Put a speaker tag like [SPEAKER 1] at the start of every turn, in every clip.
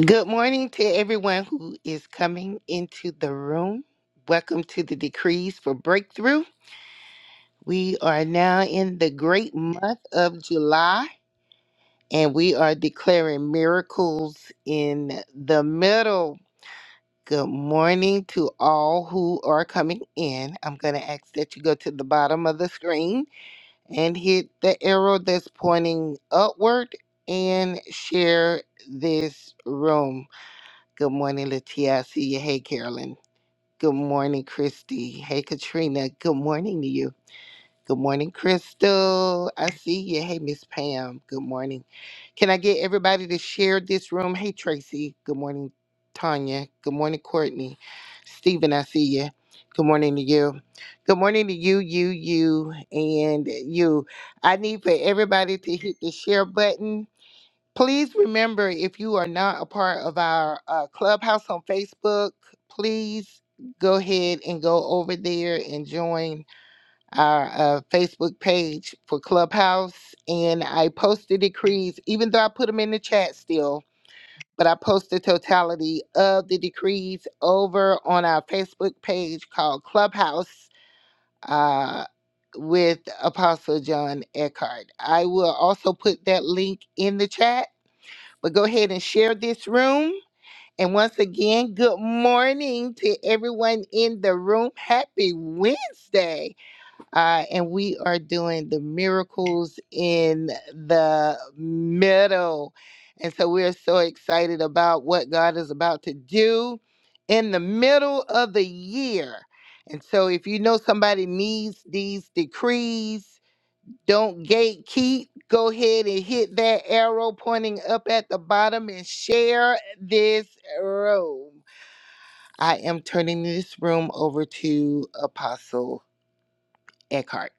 [SPEAKER 1] Good morning to everyone who is coming into the room. Welcome to the Decrees for Breakthrough. We are now in the great month of July and we are declaring miracles in the middle. Good morning to all who are coming in. I'm going to ask that you go to the bottom of the screen and hit the arrow that's pointing upward and share this room. Good morning, Latia. I see you. Hey, Carolyn. Good morning, Christy. Hey, Katrina. Good morning to you. Good morning, Crystal. I see you. Hey, Miss Pam. Good morning. Can I get everybody to share this room? Hey, Tracy. Good morning, Tanya. Good morning, Courtney. Stephen, I see you. Good morning to you. Good morning to you, you, you, and you. I need for everybody to hit the share button Please remember if you are not a part of our uh, clubhouse on Facebook, please go ahead and go over there and join our uh, Facebook page for Clubhouse. And I post the decrees, even though I put them in the chat still, but I post the totality of the decrees over on our Facebook page called Clubhouse. Uh, with Apostle John Eckhart. I will also put that link in the chat but go ahead and share this room. And once again, good morning to everyone in the room. Happy Wednesday. Uh, and we are doing the miracles in the middle. And so we are so excited about what God is about to do in the middle of the year. And so if you know somebody needs these decrees, don't gatekeep. Go ahead and hit that arrow pointing up at the bottom and share this room. I am turning this room over to Apostle Eckhart.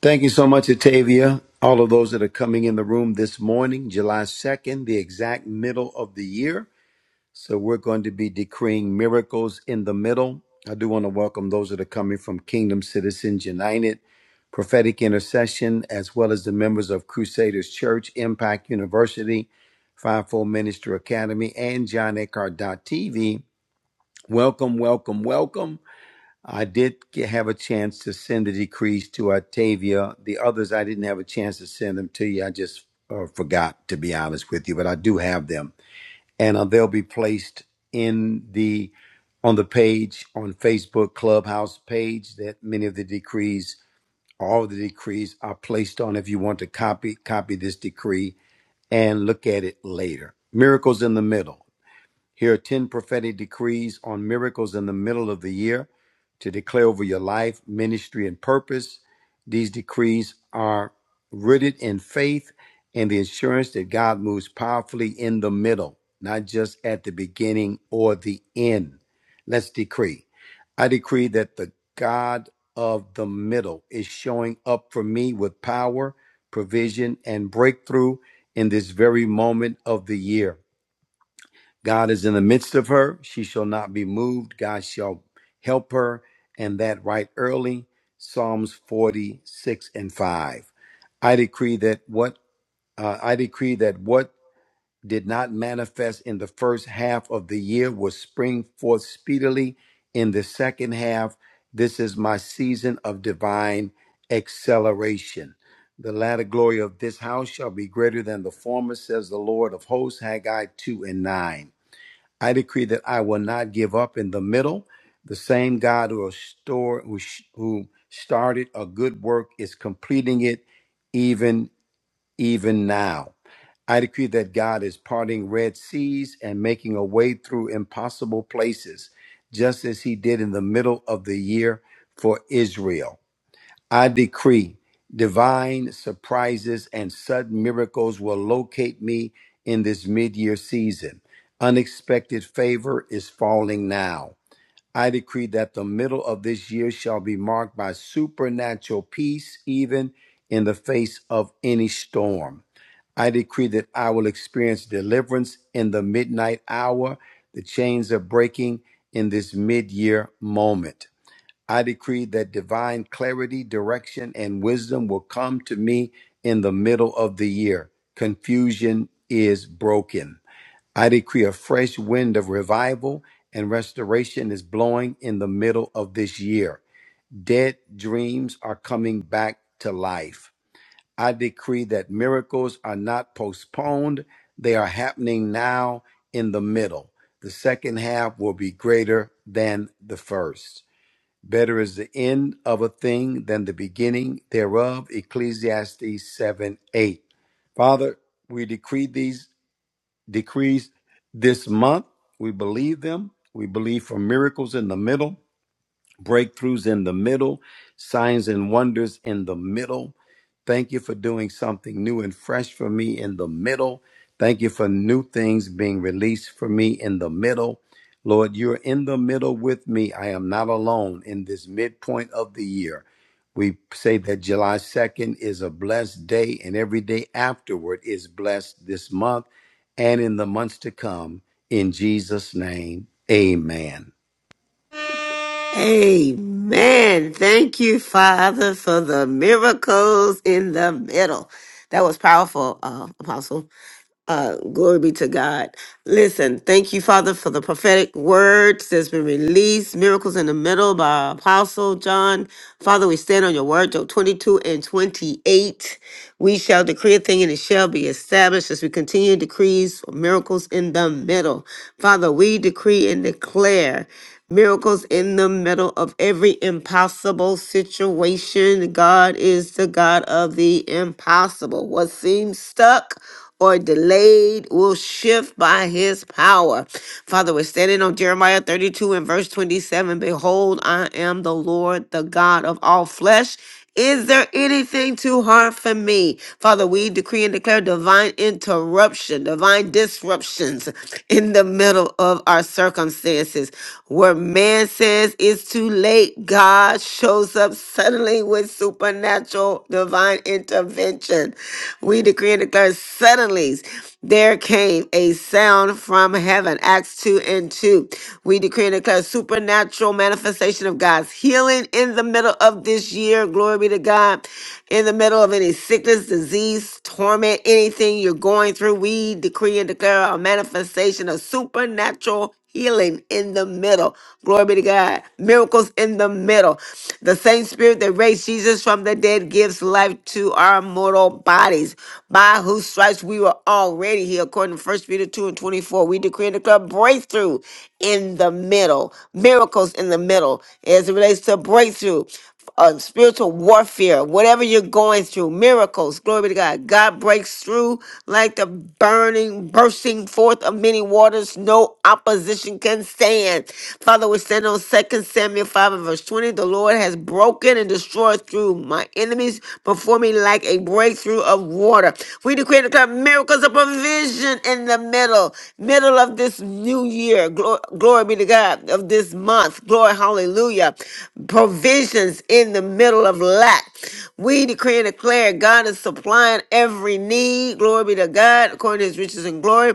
[SPEAKER 2] Thank you so much, Atavia. All of those that are coming in the room this morning, July 2nd, the exact middle of the year. So we're going to be decreeing miracles in the middle. I do want to welcome those that are coming from Kingdom Citizens United, Prophetic Intercession, as well as the members of Crusaders Church, Impact University, Fivefold Minister Academy, and John TV. Welcome, welcome, welcome. I did ge- have a chance to send the decrees to Octavia. The others, I didn't have a chance to send them to you. I just uh, forgot, to be honest with you, but I do have them, and uh, they'll be placed in the on the page on Facebook Clubhouse page that many of the decrees, all the decrees, are placed on. If you want to copy copy this decree and look at it later, miracles in the middle. Here are 10 prophetic decrees on miracles in the middle of the year to declare over your life, ministry, and purpose. These decrees are rooted in faith and the assurance that God moves powerfully in the middle, not just at the beginning or the end. Let's decree. I decree that the God of the middle is showing up for me with power, provision, and breakthrough in this very moment of the year. God is in the midst of her. She shall not be moved. God shall help her, and that right early. Psalms 46 and 5. I decree that what uh, I decree that what did not manifest in the first half of the year will spring forth speedily in the second half. This is my season of divine acceleration. The latter glory of this house shall be greater than the former, says the Lord of hosts, Haggai 2 and 9. I decree that I will not give up in the middle. The same God who restore, who, sh- who started a good work is completing it even even now. I decree that God is parting red seas and making a way through impossible places, just as he did in the middle of the year for Israel. I decree divine surprises and sudden miracles will locate me in this mid year season. Unexpected favor is falling now. I decree that the middle of this year shall be marked by supernatural peace, even in the face of any storm. I decree that I will experience deliverance in the midnight hour. The chains are breaking in this mid year moment. I decree that divine clarity, direction, and wisdom will come to me in the middle of the year. Confusion is broken. I decree a fresh wind of revival and restoration is blowing in the middle of this year. Dead dreams are coming back to life. I decree that miracles are not postponed, they are happening now in the middle. The second half will be greater than the first. Better is the end of a thing than the beginning thereof. Ecclesiastes 7 8. Father, we decree these decrees this month. We believe them. We believe for miracles in the middle breakthroughs in the middle, signs and wonders in the middle. Thank you for doing something new and fresh for me in the middle. Thank you for new things being released for me in the middle. Lord, you're in the middle with me. I am not alone in this midpoint of the year. We say that July 2nd is a blessed day, and every day afterward is blessed this month and in the months to come. In Jesus' name, amen.
[SPEAKER 3] Amen. Thank you, Father, for the miracles in the middle. That was powerful, uh, Apostle. Uh, glory be to God. Listen, thank you, Father, for the prophetic words that's been released. Miracles in the middle by Apostle John. Father, we stand on your word, Job 22 and 28. We shall decree a thing and it shall be established as we continue decrees for miracles in the middle. Father, we decree and declare miracles in the middle of every impossible situation. God is the God of the impossible. What seems stuck? or delayed will shift by his power. Father, we're standing on Jeremiah 32 and verse 27. Behold, I am the Lord, the God of all flesh. Is there anything too hard for me? Father, we decree and declare divine interruption, divine disruptions in the middle of our circumstances. Where man says it's too late, God shows up suddenly with supernatural divine intervention we decree and declare suddenly there came a sound from heaven. Acts 2 and 2. We decree and declare supernatural manifestation of God's healing in the middle of this year. Glory be to God. In the middle of any sickness, disease, torment, anything you're going through, we decree and declare a manifestation of supernatural healing in the middle. Glory be to God. Miracles in the middle. The same spirit that raised Jesus from the dead gives life to our mortal bodies. By whose stripes we were already healed. According to First Peter 2 and 24, we decree and declare breakthrough in the middle. Miracles in the middle as it relates to breakthrough uh, spiritual warfare, whatever you're going through, miracles, glory be to God. God breaks through like the burning, bursting forth of many waters. No opposition can stand. Father, we stand on Second Samuel 5 and verse 20. The Lord has broken and destroyed through my enemies before me like a breakthrough of water. We decree and declare miracles of provision in the middle, middle of this new year. Glo- glory be to God. God, of this month. Glory, hallelujah. Provisions in the middle of lack. We decree and declare God is supplying every need. Glory be to God, according to his riches and glory.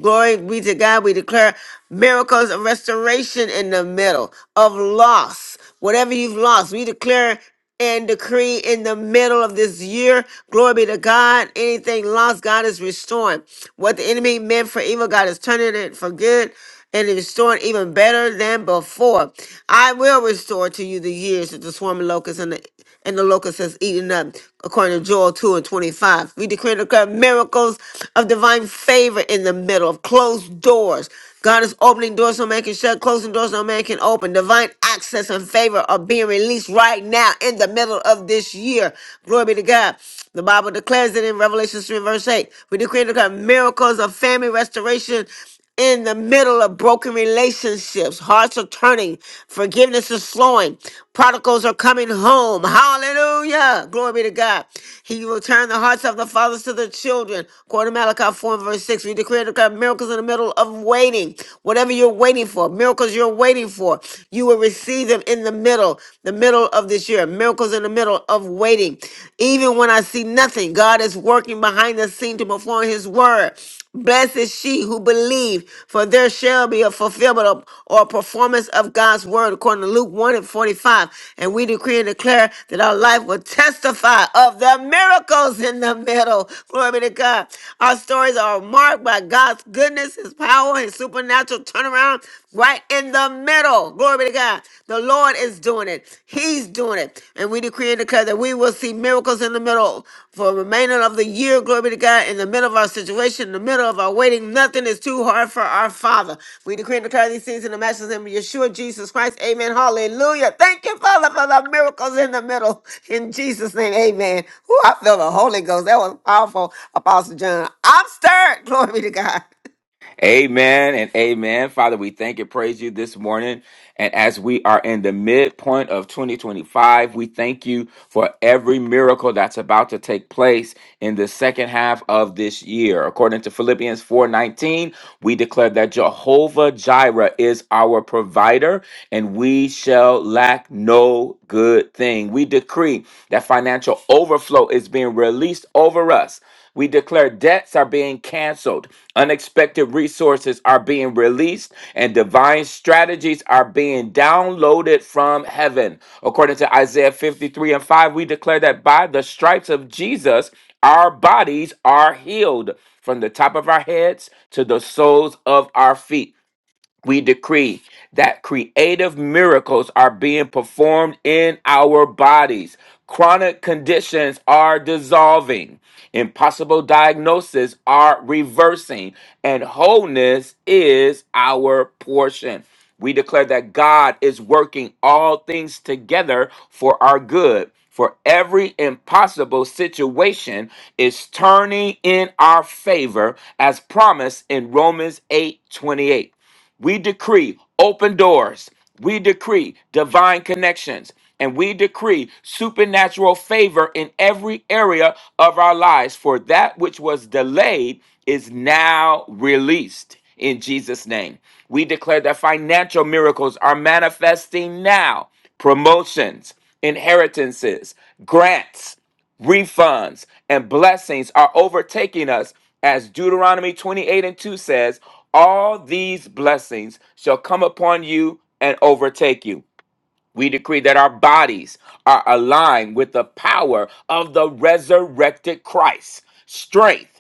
[SPEAKER 3] Glory be to God. We declare miracles of restoration in the middle of loss. Whatever you've lost, we declare and decree in the middle of this year. Glory be to God. Anything lost, God is restoring. What the enemy meant for evil, God is turning it for good and restoring even better than before. I will restore to you the years that the swarming locusts and the and the locust has eaten up, according to Joel 2 and 25. We declare and declare miracles of divine favor in the middle of closed doors. God is opening doors no man can shut, closing doors no man can open. Divine access and favor are being released right now in the middle of this year. Glory be to God. The Bible declares it in Revelation 3 verse 8. We declare and declare miracles of family restoration in the middle of broken relationships. Hearts are turning. Forgiveness is flowing. Prodigals are coming home. Hallelujah. Glory be to God. He will turn the hearts of the fathers to the children. According to Malachi 4 and verse 6, we declare to God miracles in the middle of waiting. Whatever you're waiting for, miracles you're waiting for, you will receive them in the middle, the middle of this year. Miracles in the middle of waiting. Even when I see see nothing. God is working behind the scene to perform his word. Blessed is she who believed, for there shall be a fulfillment of, or performance of God's word, according to Luke 1 and 45. And we decree and declare that our life will testify of the miracles in the middle. Glory be to God. Our stories are marked by God's goodness, his power, his supernatural turnaround right in the middle. Glory be to God. The Lord is doing it. He's doing it. And we decree and declare that we will see miracles in the middle for the remainder of the year. Glory be to God. In the middle of our situation, in the middle of our waiting, nothing is too hard for our Father. We decree and declare these things in the matchless name of Yeshua, Jesus Christ. Amen. Hallelujah. Thank you, Father, for the miracles in the middle. In Jesus' name, amen. Ooh, I feel the Holy Ghost. That was powerful, Apostle John. I'm stirred. Glory be to God.
[SPEAKER 4] Amen and amen. Father, we thank and praise you this morning. And as we are in the midpoint of 2025, we thank you for every miracle that's about to take place in the second half of this year. According to Philippians 4:19, we declare that Jehovah Jireh is our provider and we shall lack no good thing. We decree that financial overflow is being released over us we declare debts are being canceled, unexpected resources are being released, and divine strategies are being downloaded from heaven. According to Isaiah 53 and 5, we declare that by the stripes of Jesus, our bodies are healed from the top of our heads to the soles of our feet we decree that creative miracles are being performed in our bodies. Chronic conditions are dissolving. Impossible diagnoses are reversing. And wholeness is our portion. We declare that God is working all things together for our good. For every impossible situation is turning in our favor as promised in Romans eight twenty eight. We decree open doors. We decree divine connections. And we decree supernatural favor in every area of our lives, for that which was delayed is now released in Jesus' name. We declare that financial miracles are manifesting now promotions, inheritances, grants refunds, and blessings are overtaking us. As Deuteronomy 28 and 2 says, all these blessings shall come upon you and overtake you. We decree that our bodies are aligned with the power of the resurrected Christ. Strength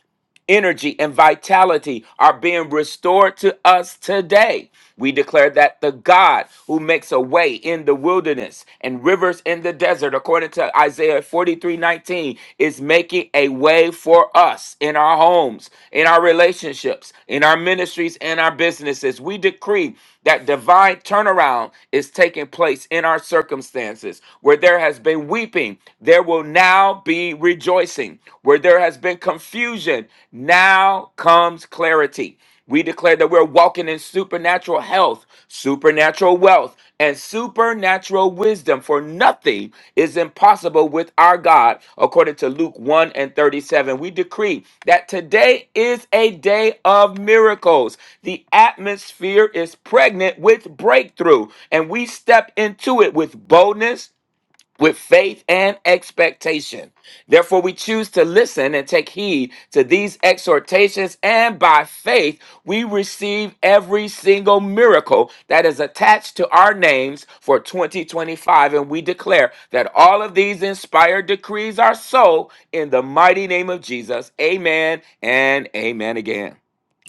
[SPEAKER 4] energy, and vitality are being restored to us today. We declare that the God who makes a way in the wilderness and rivers in the desert, according to Isaiah 43 19, is making a way for us in our homes, in our relationships, in our ministries, and our businesses. We decree that divine turnaround is taking place in our circumstances. Where there has been weeping, there will now be be rejoicing. Where there has been confusion, now comes clarity. We declare that we're walking in supernatural health, supernatural wealth, and supernatural wisdom, for nothing is impossible with our God, according to Luke 1 and 37. We decree that today is a day of miracles. The atmosphere is pregnant with breakthrough, and we step into it with boldness with faith and expectation. Therefore, we choose to listen and take heed to these exhortations, and by faith, we receive every single miracle that is attached to our names for 2025. And we declare that all of these inspired decrees are so in the mighty name of Jesus. Amen and amen again.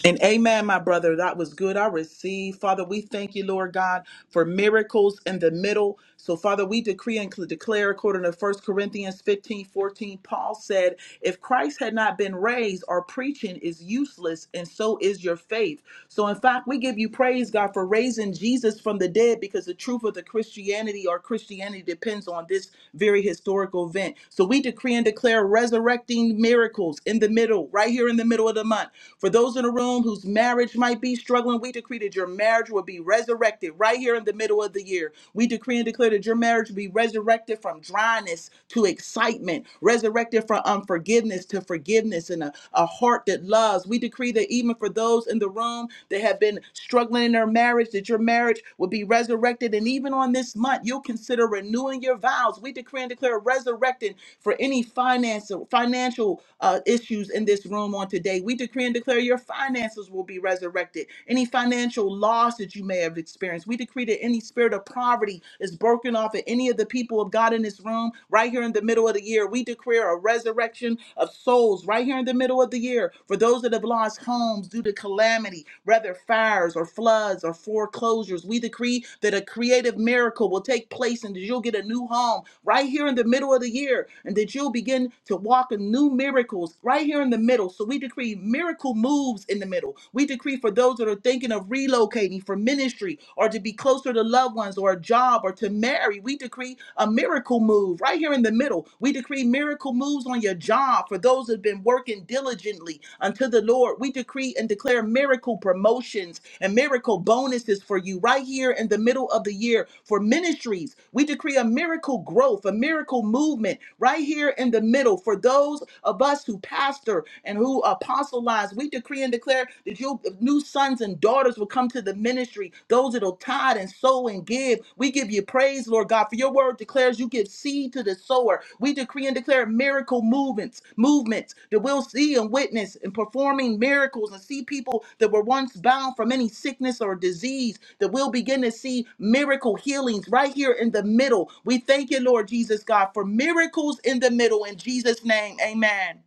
[SPEAKER 5] And amen, my brother. That was good. I received. Father, we thank you, Lord God for miracles in the middle. So, Father, we decree and declare according to First Corinthians 15 14. Paul said, If Christ had not been raised, our preaching is useless, and so is your faith. So, in fact, we give you praise, God, for raising Jesus from the dead because the truth of the Christianity our Christianity depends on this very historical event. So, we decree and declare resurrecting miracles in the middle, right here in the middle of the month. For those in the room whose marriage might be struggling, we decree that your marriage marriage will be resurrected right here in the middle of the year. We decree and declare that your marriage will be resurrected from dryness to excitement, resurrected from unforgiveness to forgiveness, and a, a heart that loves. We decree that even for those in the room that have been struggling in their marriage, that your marriage will be resurrected. And even on this month, you'll consider renewing your vows. We decree and declare resurrecting for any financial financial uh, issues in this room on today. We decree and declare your finances will be resurrected afflicted, any financial loss that you may have experienced. We decree that any spirit of poverty is broken off of any of the people of God in this room right here in the middle of the year. We declare a resurrection of souls right here in the middle of the year for those that have lost homes due to calamity, whether fires or floods or foreclosures. We decree that a creative miracle will take place and that you'll get a new home right here in the middle of the year and that you'll begin to walk in new miracles right here in the middle. So we decree miracle moves homes in the middle. We decree for those that are thinking of relocating for ministry or to be closer to loved ones or a job or to marry. We decree a miracle move right here in the middle. We decree miracle moves on your job for those that have been working diligently unto the Lord. We decree and declare miracle promotions and miracle bonuses for you right here in the middle of the year for ministries. We decree a miracle growth, a miracle movement right here in the middle for those of us who pastor and who through apostle lines. We decree and declare that your new sons and daughters will come to the ministry, those that'll tithe and sow and give. We give you praise, Lord God, for your word declares you give seed to the sower. We decree and declare miracle movements, movements that we'll see and witness and performing miracles and see people that were once bound from any sickness or disease that we'll begin to see miracle healings right here in the middle. We thank you, Lord Jesus God, for miracles in the middle in Jesus' name. Amen.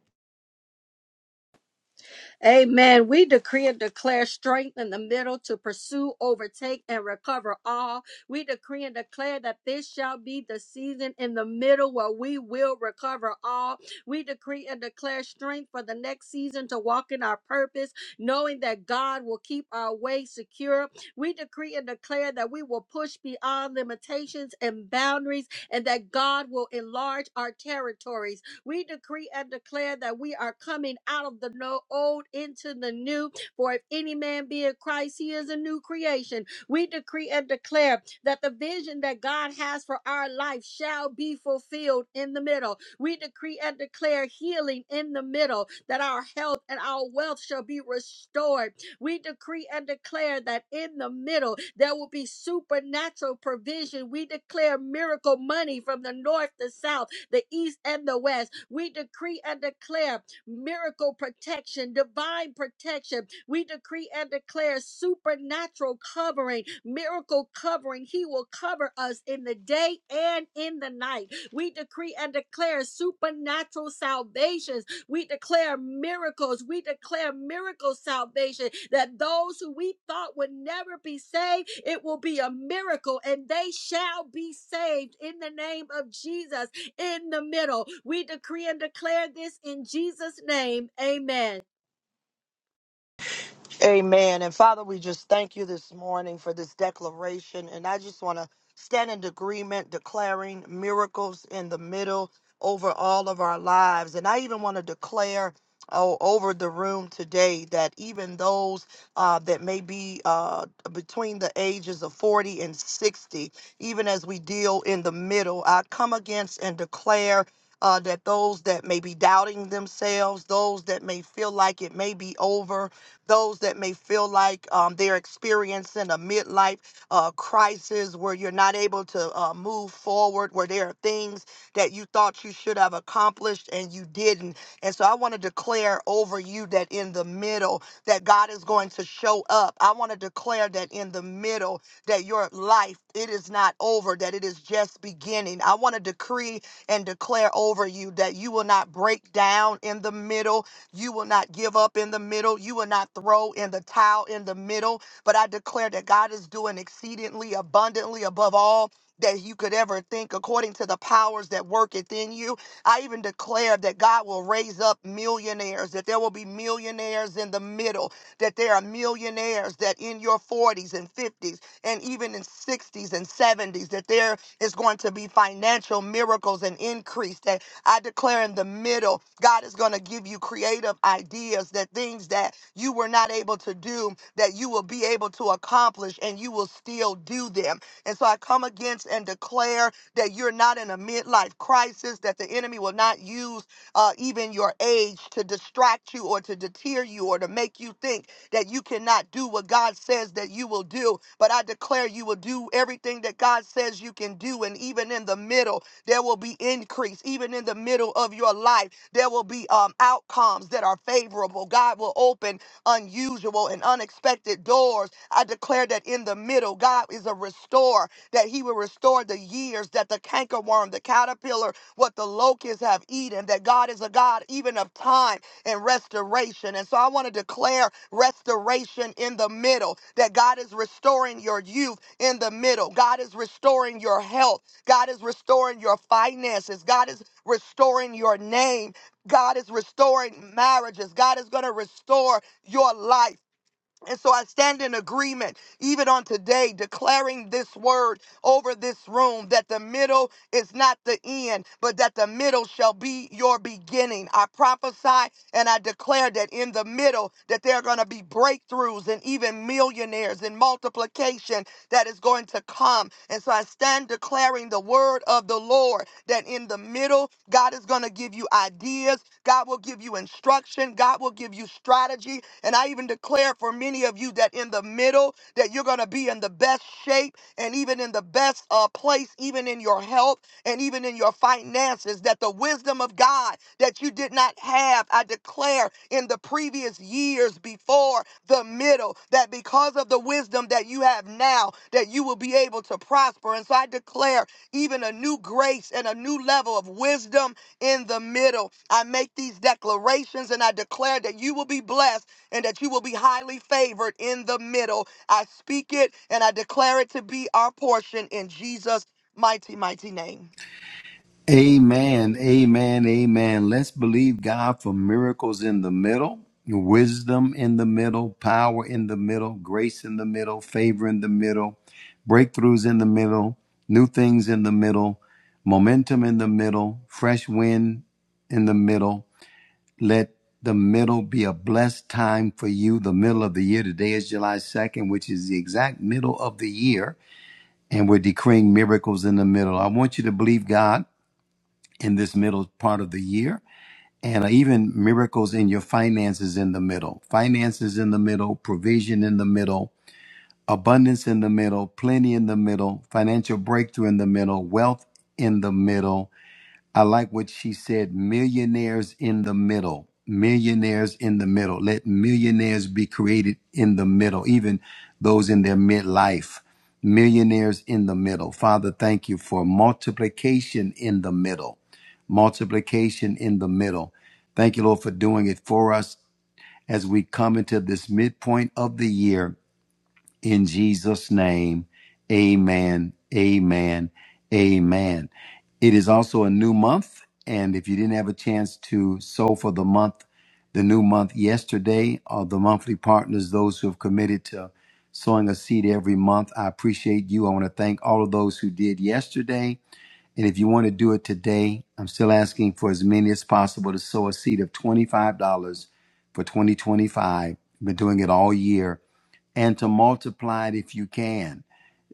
[SPEAKER 6] Amen. We decree and declare strength in the middle to pursue, overtake, and recover all. We decree and declare that this shall be the season in the middle where we will recover all. We decree and declare strength for the next season to walk in our purpose, knowing that God will keep our way secure. We decree and declare that we will push beyond limitations and boundaries and that God will enlarge our territories. We decree and declare that we are coming out of the no- old into the new. For if any man be in Christ, he is a new creation. We decree and declare that the vision that God has for our life shall be fulfilled in the middle. We decree and declare healing in the middle, that our health and our wealth shall be restored. We decree and declare that in the middle there will be supernatural provision. We declare miracle money from the north, the south, the east and the west. We decree and declare miracle protection, divine protection. We decree and declare supernatural covering, miracle covering. He will cover us in the day and in the night. We decree and declare supernatural salvations. We declare miracles. We declare miracle salvation that those who we thought would never be saved, it will be a miracle and they shall be saved in the name of Jesus in the middle. We decree and declare this in Jesus' name. Amen.
[SPEAKER 7] Amen. And Father, we just thank you this morning for this declaration. And I just want to stand in agreement, declaring miracles in the middle over all of our lives. And I even want to declare. Oh, over the room today, that even those uh, that may be uh, between the ages of 40 and 60, even as we deal in the middle, I come against and declare uh, that those that may be doubting themselves, those that may feel like it may be over, those that may feel like um, they're experiencing a midlife uh, crisis where you're not able to uh, move forward, where there are things that you thought you should have accomplished and you didn't. And so I want to declare over you that in the middle, that God is going to show up. I want to declare that in the middle, that your life, it is not over, that it is just beginning. I want to decree and declare over you that you will not break down in the middle you will not give up in the middle. You will not throw in the towel in the middle. But I declare that God is doing exceedingly abundantly above all that you could ever think according to the powers that worketh in you. I even declare that God will raise up millionaires, that there will be millionaires in the middle, that there are millionaires that in your 40s and 50s and even in 60s and 70s, that there is going to be financial miracles and increase, that I declare in the middle, God is going to give you creative ideas that things that you were not able to do, that you will be able to accomplish and you will still do them. And so I come against and declare that you're not in a midlife crisis, that the enemy will not use uh, even your age to distract you or to deter you or to make you think that you cannot do what God says that you will do. But I declare you will do everything that God says you can do. And even in the middle, there will be increase even in the middle of your life. There will be um, outcomes that are favorable. God will open unusual and unexpected doors. I declare that in the middle, God is a restorer, that He will restore the years that the cankerworm, the caterpillar, what the locusts have eaten, that God is a God even of time and restoration. And so I want to declare restoration in the middle, that God is restoring your youth in the middle, God is restoring your health God is restoring your finances. God is restoring your name. God is restoring marriages. God is going to restore your life. And so I stand in agreement, even on today, declaring this word over this room that the middle is not the end, but that the middle shall be your beginning. I prophesy and I declare that in the middle, that there are going to be breakthroughs and even millionaires and multiplication that is going to come. And so I stand declaring the word of the Lord that in the middle, God is going to give you ideas, God will give you instruction, God will give you strategy, and I even declare for many of you that in the middle, that you're going to be in the best shape and even in the best uh, place, even in your health and even in your finances, that the wisdom of God that you did not have, I declare in the previous years before the middle, that because of the wisdom that you have now, that you will be able to prosper. And so I declare even a new grace and a new level of wisdom in the middle. I make these declarations and I declare that you will be blessed and that you will be highly favored in the middle. I speak it and I declare it to be our portion in Jesus' mighty, mighty name.
[SPEAKER 2] Amen, amen, amen. Let's believe God for miracles in the middle, wisdom in the middle, power in the middle, grace in the middle, favor in the middle, breakthroughs in the middle, new things in the middle, momentum in the middle, fresh wind in the middle. Let the middle be a blessed time for you. The middle of the year. Today is July 2nd, which is the exact middle of the year. And we're decreeing miracles in the middle. I want you to believe God in this middle part of the year and uh, even miracles in your finances in the middle finances in the middle provision in the middle abundance in the middle plenty in the middle financial breakthrough in the middle wealth in the middle I like what she said millionaires in the middle. Millionaires in the middle. Let millionaires be created in the middle, even those in their midlife. Millionaires in the middle. Father, thank you for multiplication in the middle. Multiplication in the middle. Thank you, Lord, for doing it for us as we come into this midpoint of the year in Jesus' name, amen, amen, amen. It is also a new month. And if you didn't have a chance to sow for the month, the new month yesterday, or the monthly partners, those who have committed to sowing a seed every month, I appreciate you. I want to thank all of those who did yesterday. And if you want to do it today, I'm still asking for as many as possible to sow a seed of $25 for 2025. I've been doing it all year and to multiply it if you can.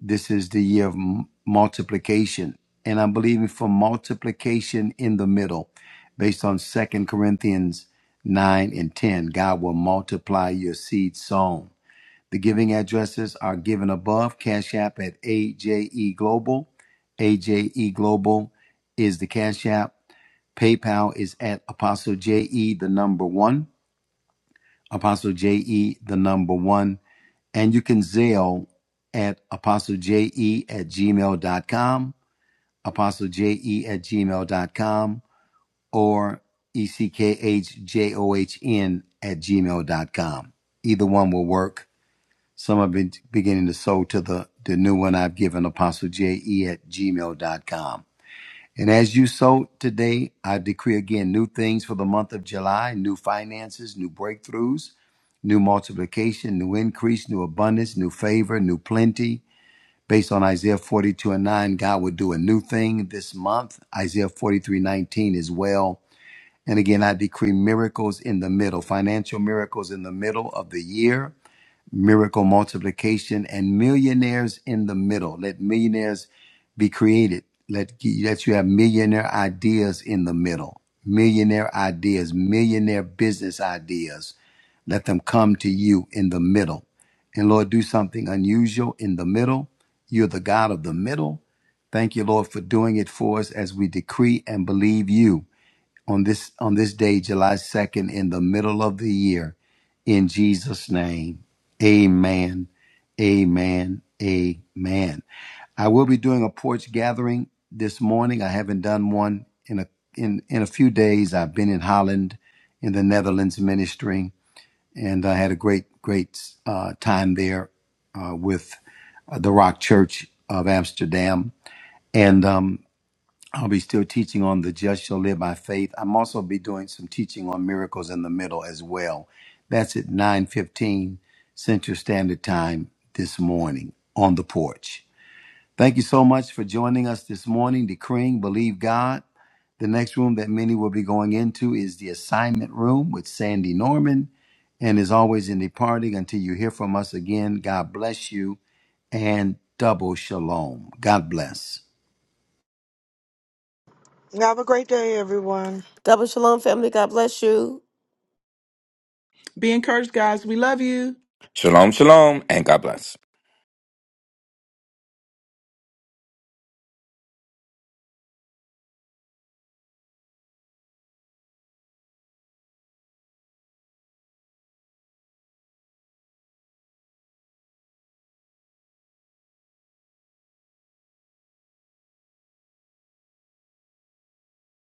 [SPEAKER 2] This is the year of m- multiplication. And I'm believing for multiplication in the middle based on Second Corinthians 9 and 10. God will multiply your seed sown. The giving addresses are given above. Cash App at AJE Global. AJE Global is the Cash App. PayPal is at Apostle JE, the number one. Apostle JE, the number one. And you can Zelle at apostleje at gmail dot gmail.com, apostleje at gmail dot com, or eckhjohn at gmail dot com. Either one will work. Some have been beginning to sow to the, the new one I've given, apostleje at gmail dot com. And as you sow today, I decree again new things for the month of July, new finances, new breakthroughs, new multiplication, new increase, new abundance, new favor, new plenty. Based on Isaiah 42 and 9, God will do a new thing this month. Isaiah 43:19 as well. And again, I decree miracles in the middle, financial miracles in the middle of the year miracle multiplication and millionaires in the middle. Let millionaires be created. Let, let you have millionaire ideas in the middle. Millionaire ideas, millionaire business ideas. Let them come to you in the middle. And Lord, do something unusual in the middle. You're the God of the middle. Thank you, Lord, for doing it for us as we decree and believe you on this on this day, July 2nd, in the middle of the year. In Jesus' name. Amen. Amen. Amen. I will be doing a porch gathering this morning. I haven't done one in a in, in a few days. I've been in Holland in the Netherlands ministering, and I had a great, great uh, time there uh, with uh, the Rock Church of Amsterdam. And um, I'll be still teaching on the just shall live by faith. I'm also be doing some teaching on miracles in the middle as well. That's at 9:15 Central Standard Time this morning on the porch. Thank you so much for joining us this morning, decreeing believe God. The next room that many will be going into is the assignment room with Sandy Norman. And as always, in departing, until you hear from us again, God bless you and double shalom. God bless.
[SPEAKER 7] Have a great day, everyone.
[SPEAKER 3] Double shalom, family. God bless you.
[SPEAKER 5] Be encouraged, guys. We love you.
[SPEAKER 4] Shalom, shalom, and God bless.